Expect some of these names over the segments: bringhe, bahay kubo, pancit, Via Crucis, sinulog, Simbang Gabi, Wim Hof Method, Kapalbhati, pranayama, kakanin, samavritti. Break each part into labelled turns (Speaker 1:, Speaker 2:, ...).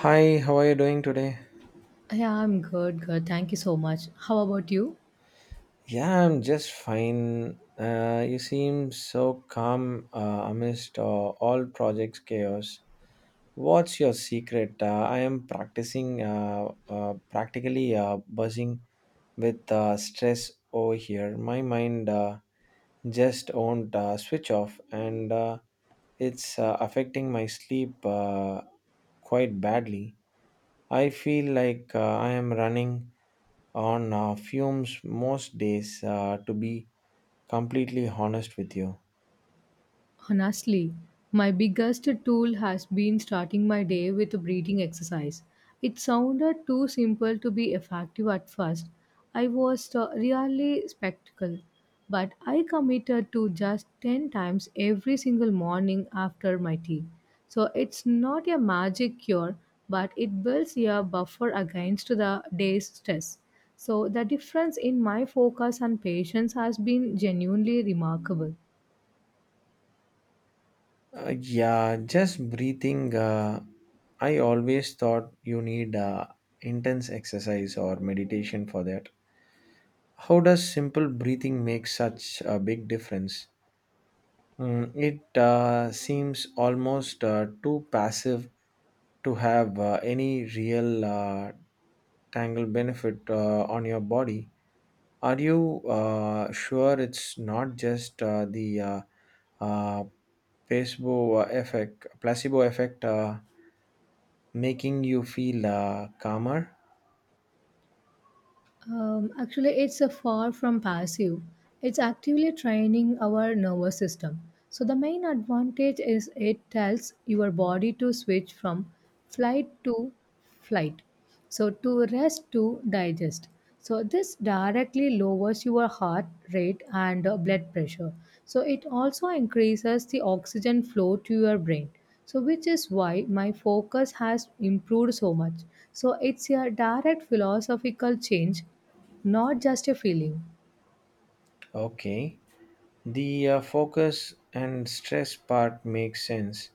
Speaker 1: Hi, how are you doing today?
Speaker 2: Yeah, I'm good, good. Thank you so much. How about you?
Speaker 1: Yeah, I'm just fine. You seem so calm amidst all projects chaos. What's your secret? I am practicing, practically buzzing with stress over here. My mind just won't switch off, and it's affecting my sleep quite badly. I feel like I am running on fumes most days, to be completely honest with you.
Speaker 2: Honestly, my biggest tool has been starting my day with a breathing exercise. It sounded too simple to be effective at first. I was really skeptical, but I committed to just 10 times every single morning after my tea. So it's not a magic cure, but it builds a buffer against the day's stress. So the difference in my focus and patience has been genuinely remarkable.
Speaker 1: Yeah, just breathing. I always thought you need intense exercise or meditation for that. How does simple breathing make such a big difference? Mm, it seems almost too passive to have any real tangle benefit on your body. Are you sure it's not just the uh, placebo effect making you feel calmer?
Speaker 2: Actually, it's a far from passive. It's actively training our nervous system. So the main advantage is it tells your body to switch from flight to flight. So to rest to digest. So this directly lowers your heart rate and blood pressure. So it also increases the oxygen flow to your brain, so which is why my focus has improved so much. So it's a direct philosophical change, not just a feeling.
Speaker 1: Okay. The focus and stress part makes sense.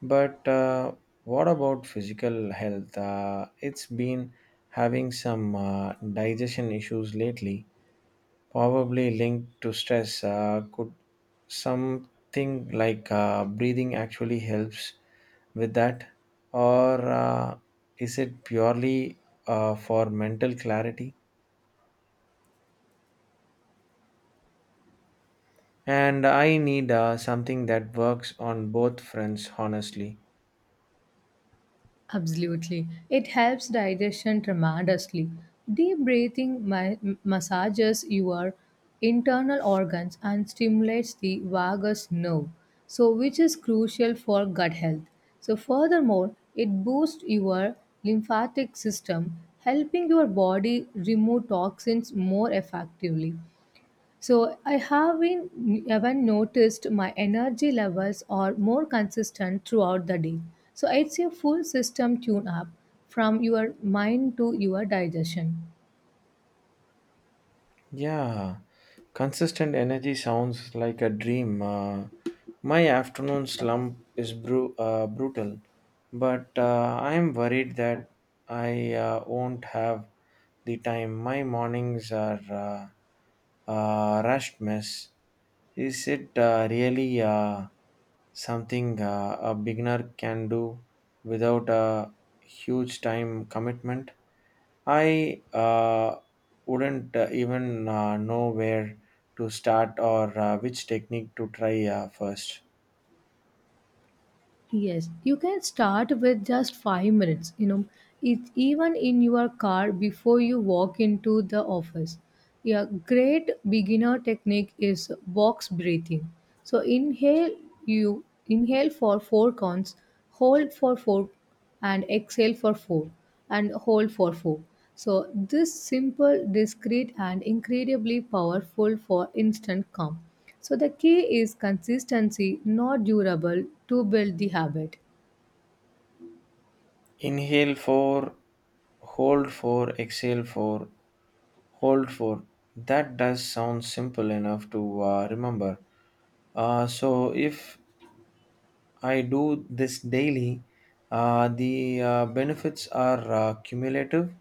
Speaker 1: But what about physical health? It's been having some digestion issues lately. Probably linked to stress. Could something like breathing actually helps with that, or is it purely for mental clarity? And I need something that works on both fronts, honestly.
Speaker 2: Absolutely. It helps digestion tremendously. Deep breathing massages your internal organs and stimulates the vagus nerve, so which is crucial for gut health. So furthermore, it boosts your lymphatic system, helping your body remove toxins more effectively. So I have been even noticed my energy levels are more consistent throughout the day. So it's a full system tune up from your mind to your digestion.
Speaker 1: Yeah. Consistent energy sounds like a dream. My afternoon slump is brutal, but I am worried that I won't have the time. My mornings are rushed mess. Is it really something a beginner can do without a huge time commitment? I wouldn't even know where to start or which technique to try first.
Speaker 2: Yes, you can start with just 5 minutes, you know, it, even in your car before you walk into the office. A great beginner technique is box breathing. So inhale you inhale for 4 counts, hold for 4 and exhale for 4 and hold for 4. So, this simple, discreet, and incredibly powerful for instant calm. So, the key is consistency, not durable, to build the habit.
Speaker 1: Inhale 4, hold 4, exhale 4, hold 4. That does sound simple enough to remember. So if I do this daily, the benefits are cumulative.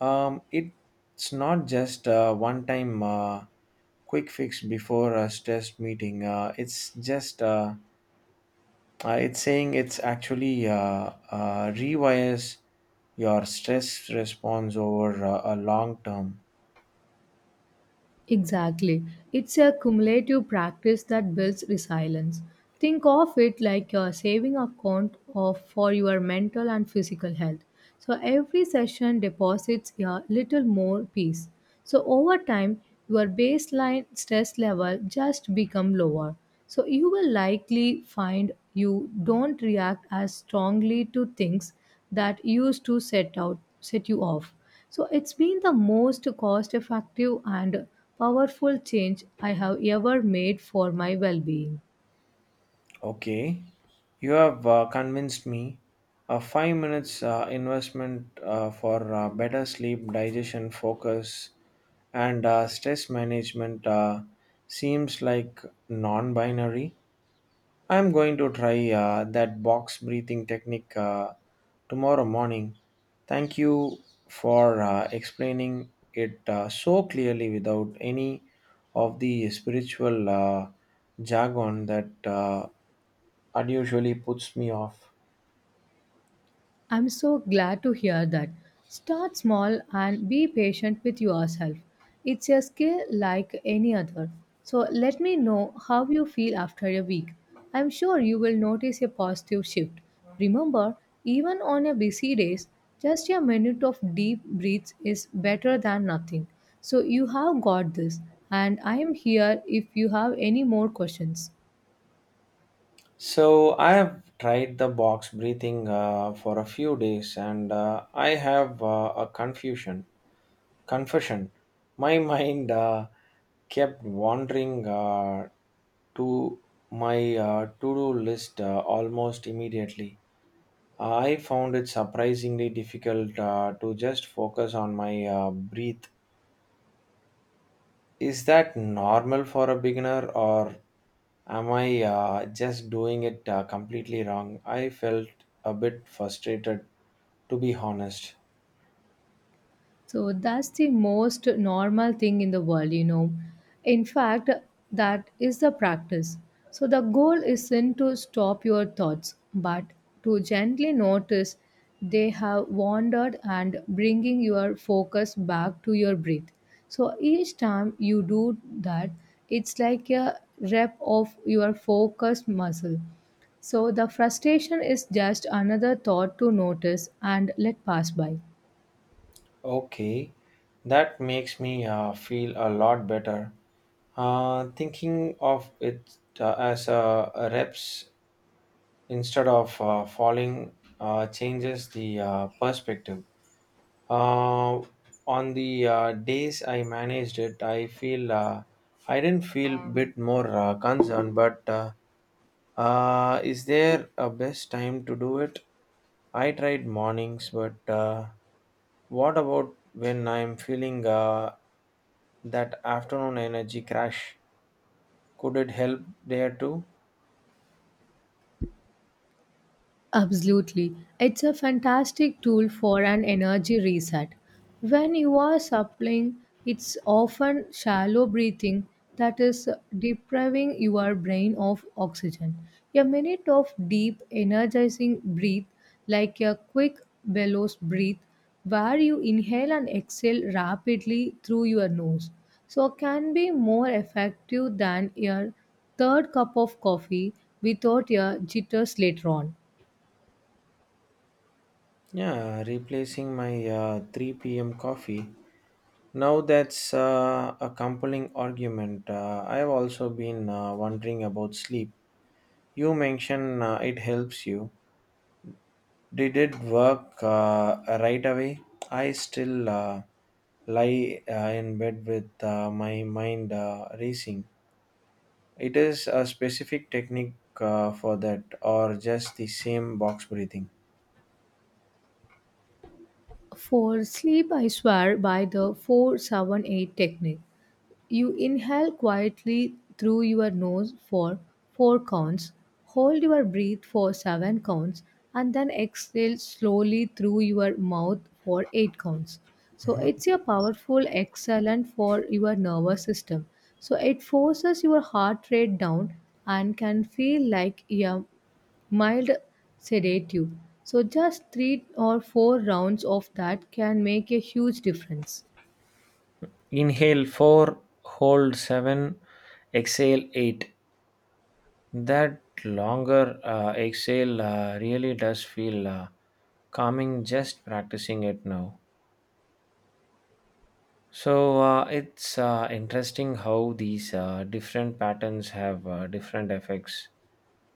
Speaker 1: It's not just a one time quick fix before a stress meeting. It's just, it's saying it's actually rewires your stress response over a long term.
Speaker 2: Exactly. It's a cumulative practice that builds resilience. Think of it like your saving account of for your mental and physical health. So every session deposits a little more peace. So over time, your baseline stress level just become lower. So you will likely find you don't react as strongly to things that used to set you off. So it's been the most cost effective and powerful change I have ever made for my well being.
Speaker 1: Okay, you have convinced me. A 5 minutes investment for better sleep, digestion, focus, and stress management seems like non binary. I'm going to try that box breathing technique tomorrow morning. Thank you for explaining it so clearly without any of the spiritual jargon that unusually puts me off.
Speaker 2: I'm so glad to hear that. Start small and be patient with yourself. It's a skill like any other. So let me know how you feel after a week. I'm sure you will notice a positive shift. Remember, even on a busy days, just a minute of deep breaths is better than nothing. So you have got this, and I am here if you have any more questions.
Speaker 1: So I have tried the box breathing for a few days, and I have a confusion confession. My mind kept wandering to my to-do list almost immediately. I found it surprisingly difficult to just focus on my breath. Is that normal for a beginner, or am I just doing it completely wrong? I felt a bit frustrated, to be honest.
Speaker 2: So that's the most normal thing in the world, you know. In fact, that is the practice. So the goal isn't to stop your thoughts, but to gently notice they have wandered and bringing your focus back to your breath. So each time you do that, it's like a rep of your focus muscle. So the frustration is just another thought to notice and let pass by.
Speaker 1: Okay, that makes me feel a lot better. Thinking of it as a reps instead of falling changes the perspective. Uh, on the days I managed it, I didn't feel bit more concerned. But is there a best time to do it? I tried mornings, but what about when I'm feeling that afternoon energy crash? Could it help there too?
Speaker 2: Absolutely. It's a fantastic tool for an energy reset. When you are supplying, it's often shallow breathing that is depriving your brain of oxygen. A minute of deep, energizing breath, like a quick bellows breath, where you inhale and exhale rapidly through your nose, so can be more effective than your third cup of coffee without your jitters later on.
Speaker 1: Yeah, replacing my 3 p.m. coffee. Now that's a compelling argument. I've also been wondering about sleep. You mentioned it helps you. Did it work right away? I still lie in bed with my mind racing. It is a specific technique for that, or just the same box breathing.
Speaker 2: For sleep, I swear by the 478 technique. You inhale quietly through your nose for 4 counts, hold your breath for 7 counts, and then exhale slowly through your mouth for 8 counts. So
Speaker 1: Mhm.
Speaker 2: it's a powerful exhalant for your nervous system. So it forces your heart rate down and can feel like a mild sedative. So just 3 or 4 rounds of that can make a huge difference.
Speaker 1: Inhale 4, hold 7, exhale 8. That longer exhale really does feel calming just practicing it now. So it's interesting how these different patterns have different effects.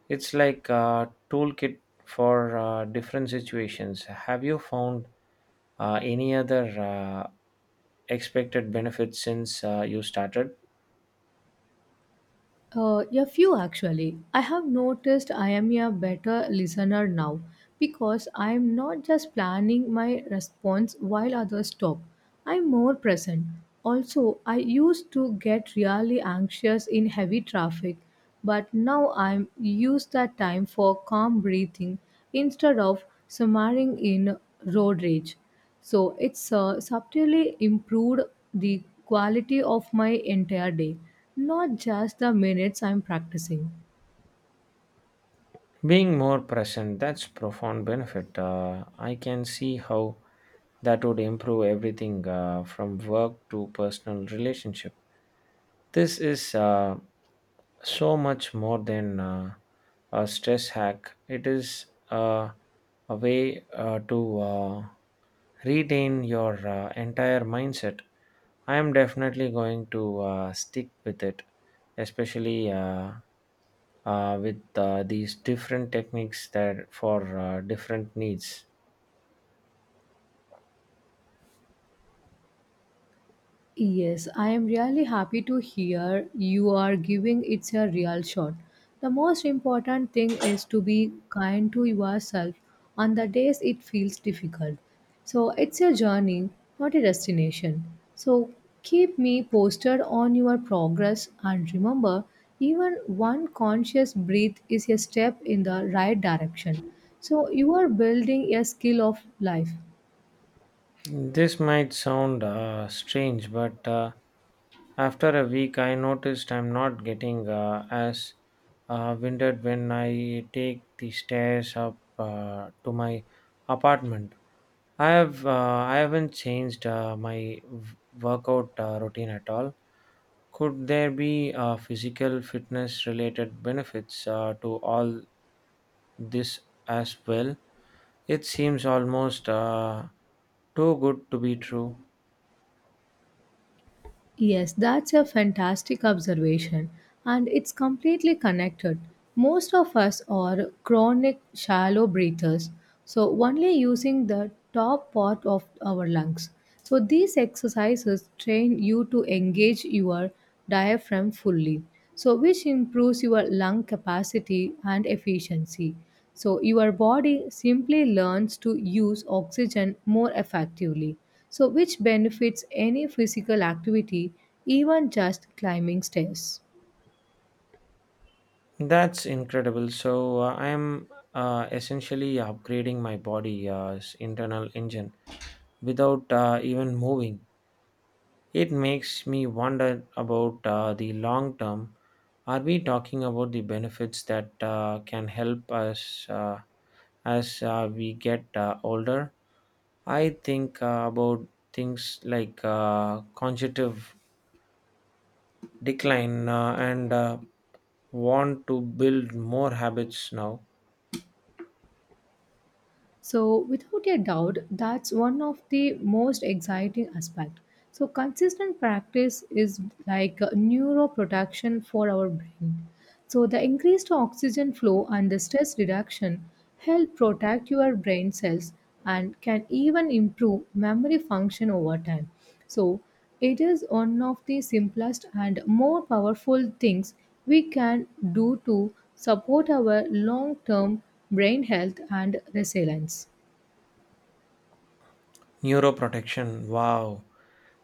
Speaker 1: It's like a toolkit for different situations. Have you found any other expected benefits since you started?
Speaker 2: A few actually. I have noticed I am a better listener now because I am not just planning my response while others talk. I am more present. Also, I used to get really anxious in heavy traffic, but now I use that time for calm breathing instead of simmering in road rage. So it's subtly improved the quality of my entire day, not just the minutes I'm practicing.
Speaker 1: Being more present, that's profound benefit. I can see how that would improve everything from work to personal relationship. This is so much more than a stress hack. It is a way to retain your entire mindset. I am definitely going to stick with it, especially with these different techniques that for different needs.
Speaker 2: Yes, I am really happy to hear you are giving it a real shot. The most important thing is to be kind to yourself on the days it feels difficult. So it's a journey, not a destination. So keep me posted on your progress and remember, even one conscious breath is a step in the right direction. So you are building a skill of life.
Speaker 1: This might sound strange, but after a week, I noticed I'm not getting as winded when I take the stairs up to my apartment. I have uh, I haven't changed my workout routine at all. Could there be physical fitness related benefits to all this as well? It seems almost too good to be true.
Speaker 2: Yes, that's a fantastic observation, and it's completely connected. Most of us are chronic shallow breathers, so only using the top part of our lungs. So, these exercises train you to engage your diaphragm fully, so which improves your lung capacity and efficiency, so your body simply learns to use oxygen more effectively, so which benefits any physical activity, even just climbing stairs.
Speaker 1: That's incredible. So I am essentially upgrading my body internal engine without even moving. It makes me wonder about the long term. Are we talking about the benefits that can help us as we get older? I think about things like cognitive decline and want to build more habits now.
Speaker 2: So, without a doubt, that's one of the most exciting aspect. So, consistent practice is like a neuroprotection for our brain. So, the increased oxygen flow and the stress reduction help protect your brain cells and can even improve memory function over time. So, it is one of the simplest and more powerful things we can do to support our long term brain health and resilience.
Speaker 1: Neuroprotection, wow.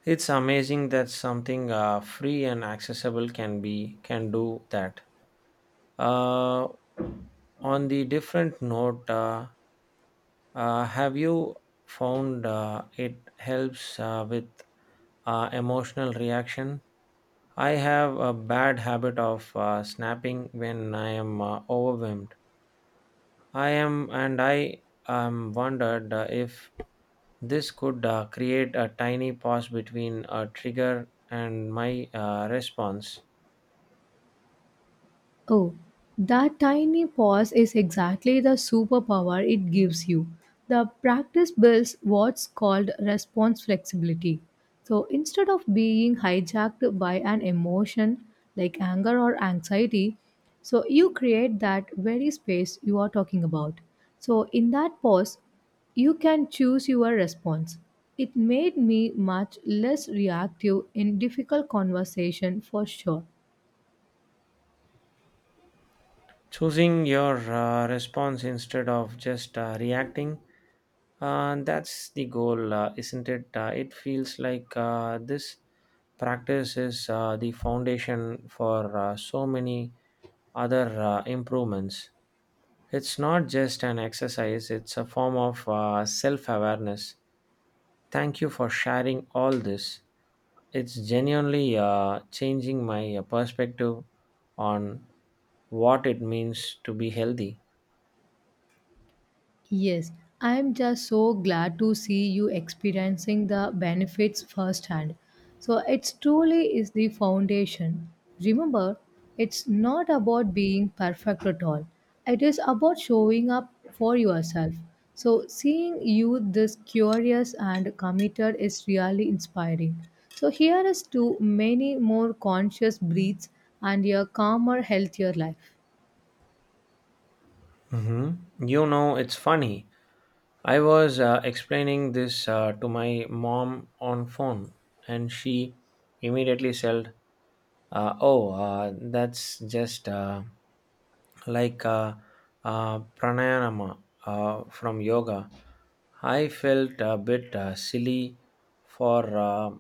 Speaker 1: It's amazing that something free and accessible can do that. Uh, on the different note, have you found it helps with emotional reaction? I have a bad habit of snapping when I am overwhelmed. And I am wondered if this could create a tiny pause between a trigger and my response.
Speaker 2: Oh, that tiny pause is exactly the superpower it gives you. The practice builds what's called response flexibility. So instead of being hijacked by an emotion like anger or anxiety, so you create that very space you are talking about. So in that pause, you can choose your response. It made me much less reactive in difficult conversation for sure.
Speaker 1: Choosing your response instead of just reacting. That's the goal, isn't it? It feels like this practice is the foundation for so many other improvements. It's not just an exercise, it's a form of self awareness. Thank you for sharing all this. It's genuinely changing my perspective on what it means to be healthy.
Speaker 2: Yes, I'm just so glad to see you experiencing the benefits firsthand. So it's truly is the foundation. Remember, it's not about being perfect at all. It is about showing up for yourself. So seeing you this curious and committed is really inspiring. So here is to many more conscious breaths and a calmer, healthier life.
Speaker 1: Mhm. You know, it's funny. I was explaining this to my mom on phone, and she immediately said, "Oh, that's just like pranayama from yoga." I felt a bit silly for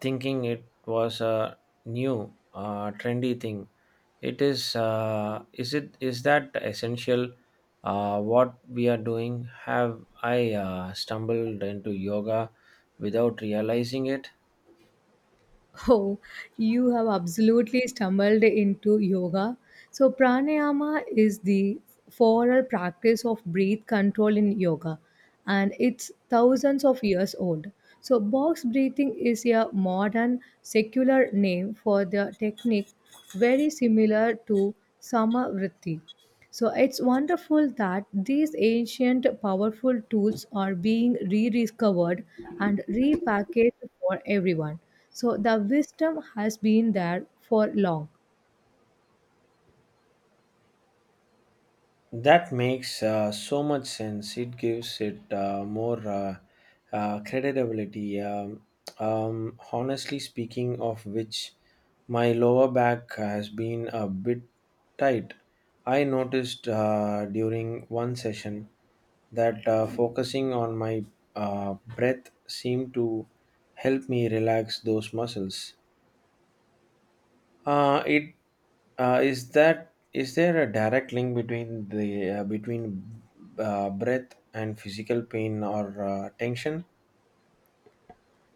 Speaker 1: thinking it was a new trendy thing. It is uh, is it is that essential what we are doing? Have I stumbled into yoga without realizing it?
Speaker 2: Oh, you have absolutely stumbled into yoga. So, pranayama is the formal practice of breath control in yoga, and it's thousands of years old. So, box breathing is a modern secular name for the technique very similar to samavritti. So it's wonderful that these ancient powerful tools are being rediscovered and repackaged for everyone. So the wisdom has been there for long.
Speaker 1: That makes so much sense. It gives it more credibility. Honestly speaking, of which my lower back has been a bit tight. I noticed during one session that focusing on my breath seemed to help me relax those muscles. It is that is there a direct link between the between breath and physical pain or tension?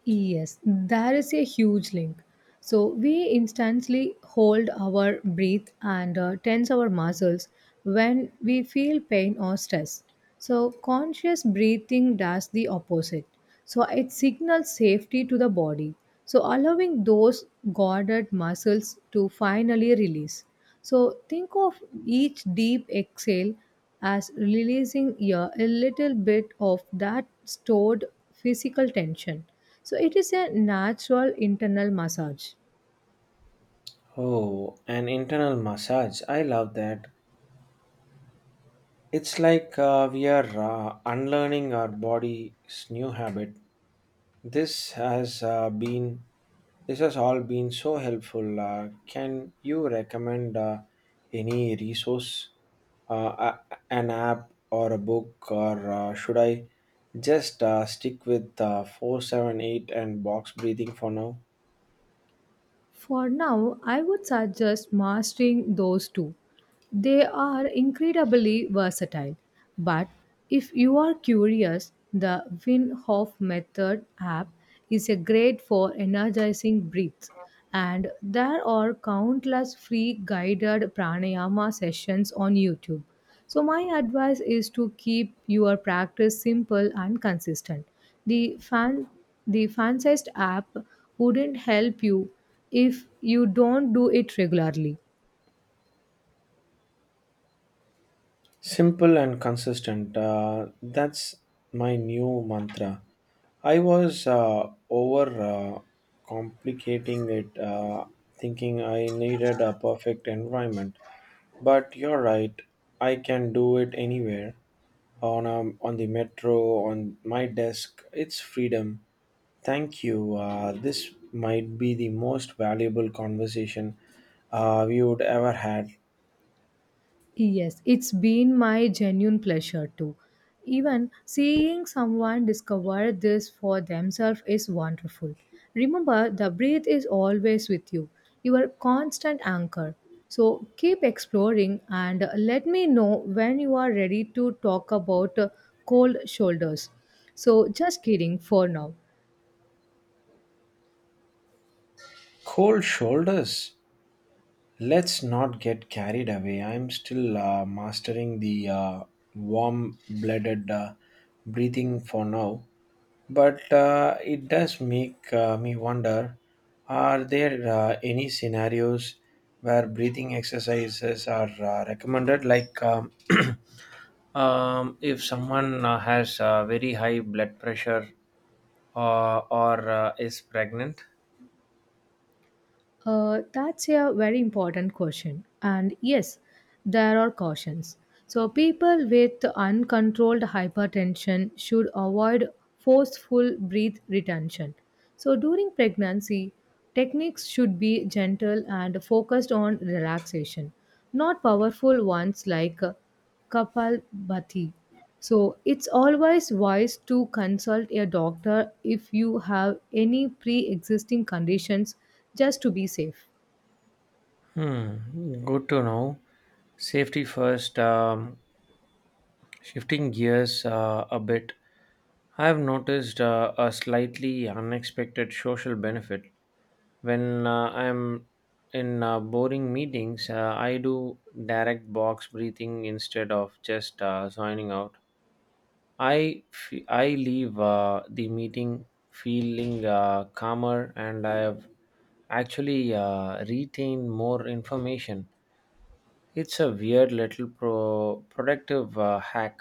Speaker 2: Yes, there is a huge link. So we instantly hold our breath and tense our muscles when we feel pain or stress. So conscious breathing does the opposite. So it signals safety to the body. So allowing those guarded muscles to finally release. So think of each deep exhale as releasing, yeah, a little bit of that stored physical tension. So it is a natural internal massage.
Speaker 1: Oh, an internal massage. I love that. It's like we are unlearning our body's new habit. This has uh, been this has all been so helpful. Can you recommend any resource? uh, a- an app or a book, or should I just stick with 478 and box breathing for now?
Speaker 2: For now, I would suggest mastering those two. They are incredibly versatile. But if you are curious, the Wim Hof Method app is a great for energizing breaths. And there are countless free guided pranayama sessions on YouTube. So, my advice is to keep your practice simple and consistent. The fan the fancist app wouldn't help you if you don't do it regularly.
Speaker 1: Simple and consistent. That's my new mantra. I was over complicating it, thinking I needed a perfect environment. But you're right, I can do it anywhere on the metro, on my desk. It's freedom. Thank you. This might be the most valuable conversation we would ever had.
Speaker 2: Yes, it's been my genuine pleasure too. Even seeing someone discover this for themselves is wonderful. Remember, the breath is always with you, your constant anchor. So keep exploring and let me know when you are ready to talk about cold shoulders. So, just kidding for now.
Speaker 1: Cold shoulders. Let's not get carried away. I'm still mastering the warm blooded breathing for now, but it does make me wonder, are there any scenarios where breathing exercises are recommended? Like if someone has very high blood pressure or is pregnant?
Speaker 2: That's a very important question. And yes, there are cautions. So, people with uncontrolled hypertension should avoid forceful breath retention. So, during pregnancy, techniques should be gentle and focused on relaxation, not powerful ones like Kapalbhati. So it's always wise to consult a doctor if you have any pre existing conditions just to be safe.
Speaker 1: Hmm, good to know. Safety first. Shifting gears a bit, I have noticed a slightly unexpected social benefit. When I'm in boring meetings, I do direct box breathing instead of just signing out. I leave the meeting feeling calmer and I have actually retained more information. It's a weird little productive hack.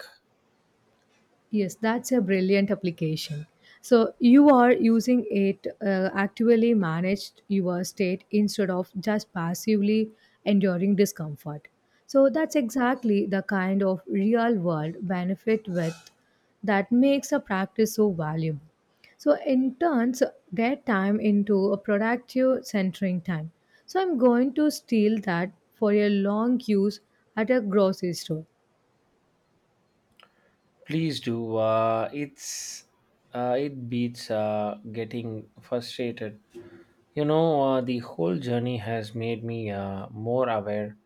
Speaker 2: Yes, that's a brilliant application. So you are using it actively managed your state instead of just passively enduring discomfort. So that's exactly the kind of real world benefit with that makes a practice so valuable. So in turns their time into a productive centering time. So I'm going to steal that for a long use at a grocery store.
Speaker 1: Please do. It beats getting frustrated. You know, the whole journey has made me more aware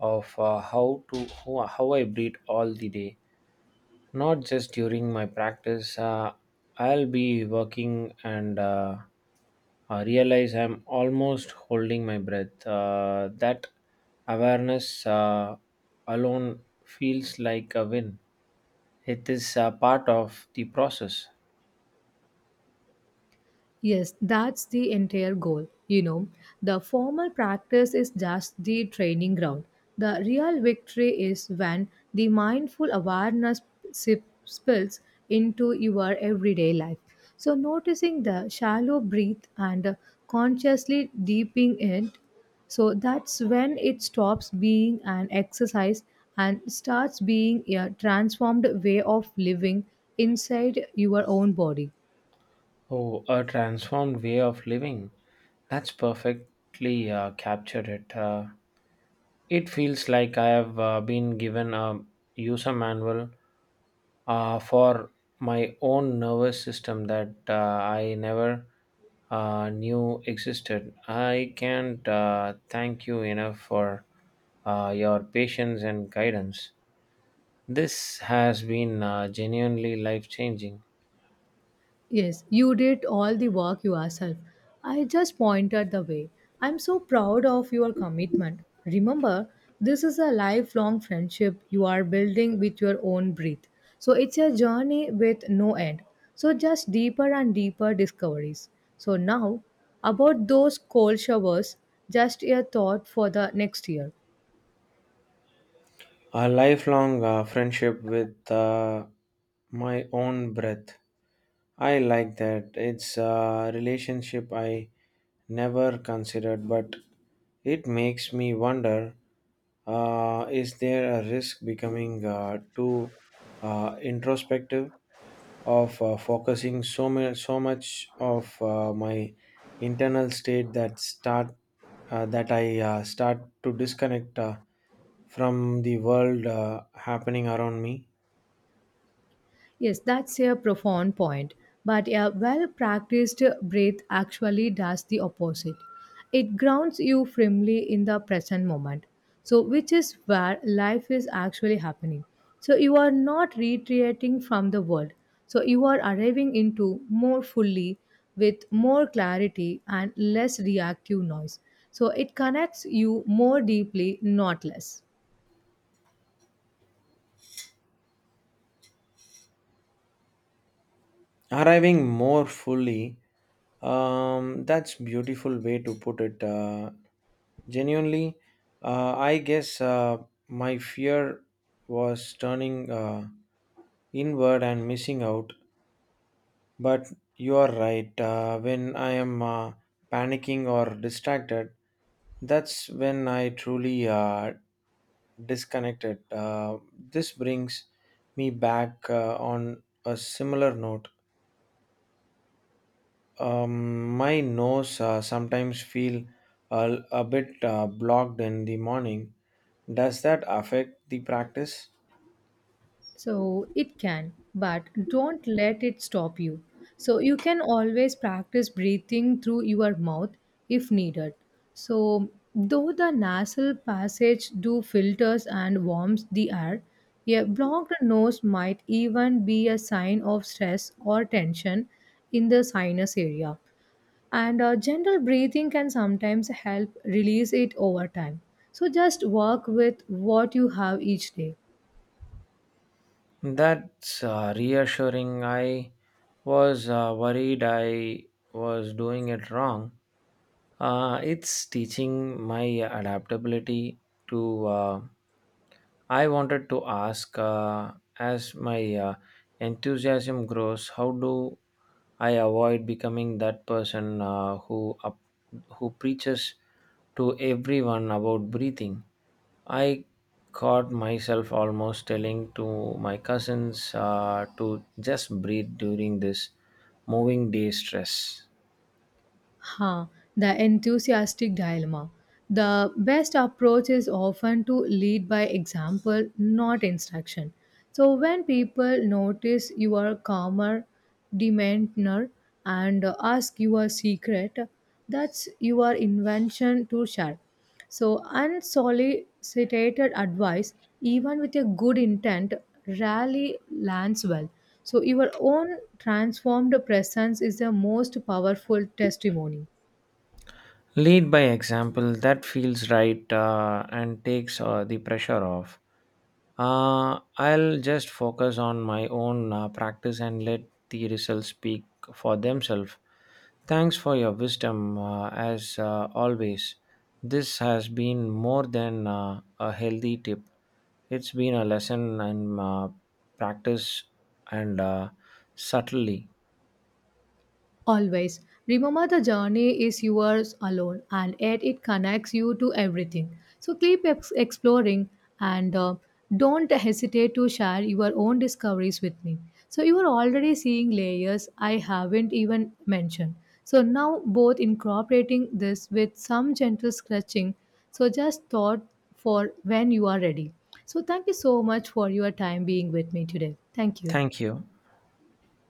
Speaker 1: of how I breathe all the day. Not just during my practice. I'll be working and I realize I'm almost holding my breath. That awareness alone feels like a win. It is part of the process.
Speaker 2: Yes, that's the entire goal. You know, the formal practice is just the training ground. The real victory is when the mindful awareness spills into your everyday life. So, noticing the shallow breath and consciously deeping it, so that's when it stops being an exercise and starts being a transformed way of living inside your own body.
Speaker 1: Oh, a transformed way of living. That's perfectly captured it. It feels like I have been given a user manual for my own nervous system that I never knew existed. I can't thank you enough for your patience and guidance. This has been genuinely life changing.
Speaker 2: Yes, you did all the work yourself. I just pointed the way. I'm so proud of your commitment. Remember, this is a lifelong friendship you are building with your own breath. So it's a journey with no end. So just deeper and deeper discoveries. So now, about those cold showers, just a thought for the next year.
Speaker 1: A lifelong friendship with my own breath. I like that. It's a relationship I never considered, but it makes me wonder, is there a risk becoming too introspective of focusing so, so much of my internal state that I start to disconnect from the world happening around me?
Speaker 2: Yes, that's a profound point. But a well practiced breath actually does the opposite. It grounds you firmly in the present moment. So, which is where life is actually happening. So, you are not retreating from the world. So, you are arriving into more fully with more clarity and less reactive noise. So, it connects you more deeply, not less.
Speaker 1: Arriving more fully, that's beautiful way to put it genuinely. I guess my fear was turning inward and missing out. But you are right, when I am panicking or distracted, that's when I truly disconnected. This brings me back on a similar note. My nose sometimes feel a bit blocked in the morning. Does that affect the practice?
Speaker 2: So it can, but don't let it stop you. So you can always practice breathing through your mouth if needed. So though the nasal passage do filters and warms the air, a blocked nose might even be a sign of stress or tension in the sinus area. And gentle breathing can sometimes help release it over time. So just work with what you have each day.
Speaker 1: That's reassuring. I was worried I was doing it wrong. It's teaching my adaptability to. I wanted to ask as my enthusiasm grows, how do I avoid becoming that person who preaches to everyone about breathing? I caught myself almost telling to my cousins to just breathe during this moving day stress.
Speaker 2: Huh, the enthusiastic dilemma. The best approach is often to lead by example, not instruction. So, when people notice you are calmer, demeanor, and ask your secret, that's your invention to share. So, unsolicited advice, even with a good intent, rarely lands well. So, your own transformed presence is the most powerful testimony.
Speaker 1: Lead by example, that feels right and takes the pressure off. I'll just focus on my own practice and let the results speak for themselves. Thanks for your wisdom, as always. This has been more than a healthy tip. It's been a lesson and practice and subtlety.
Speaker 2: Always. Remember the journey is yours alone, and yet it connects you to everything. So keep exploring and don't hesitate to share your own discoveries with me. So you are already seeing layers I haven't even mentioned. So now both incorporating this with some gentle scratching. So just thought for when you are ready. So thank you so much for your time being with me today. Thank you.
Speaker 1: Thank you.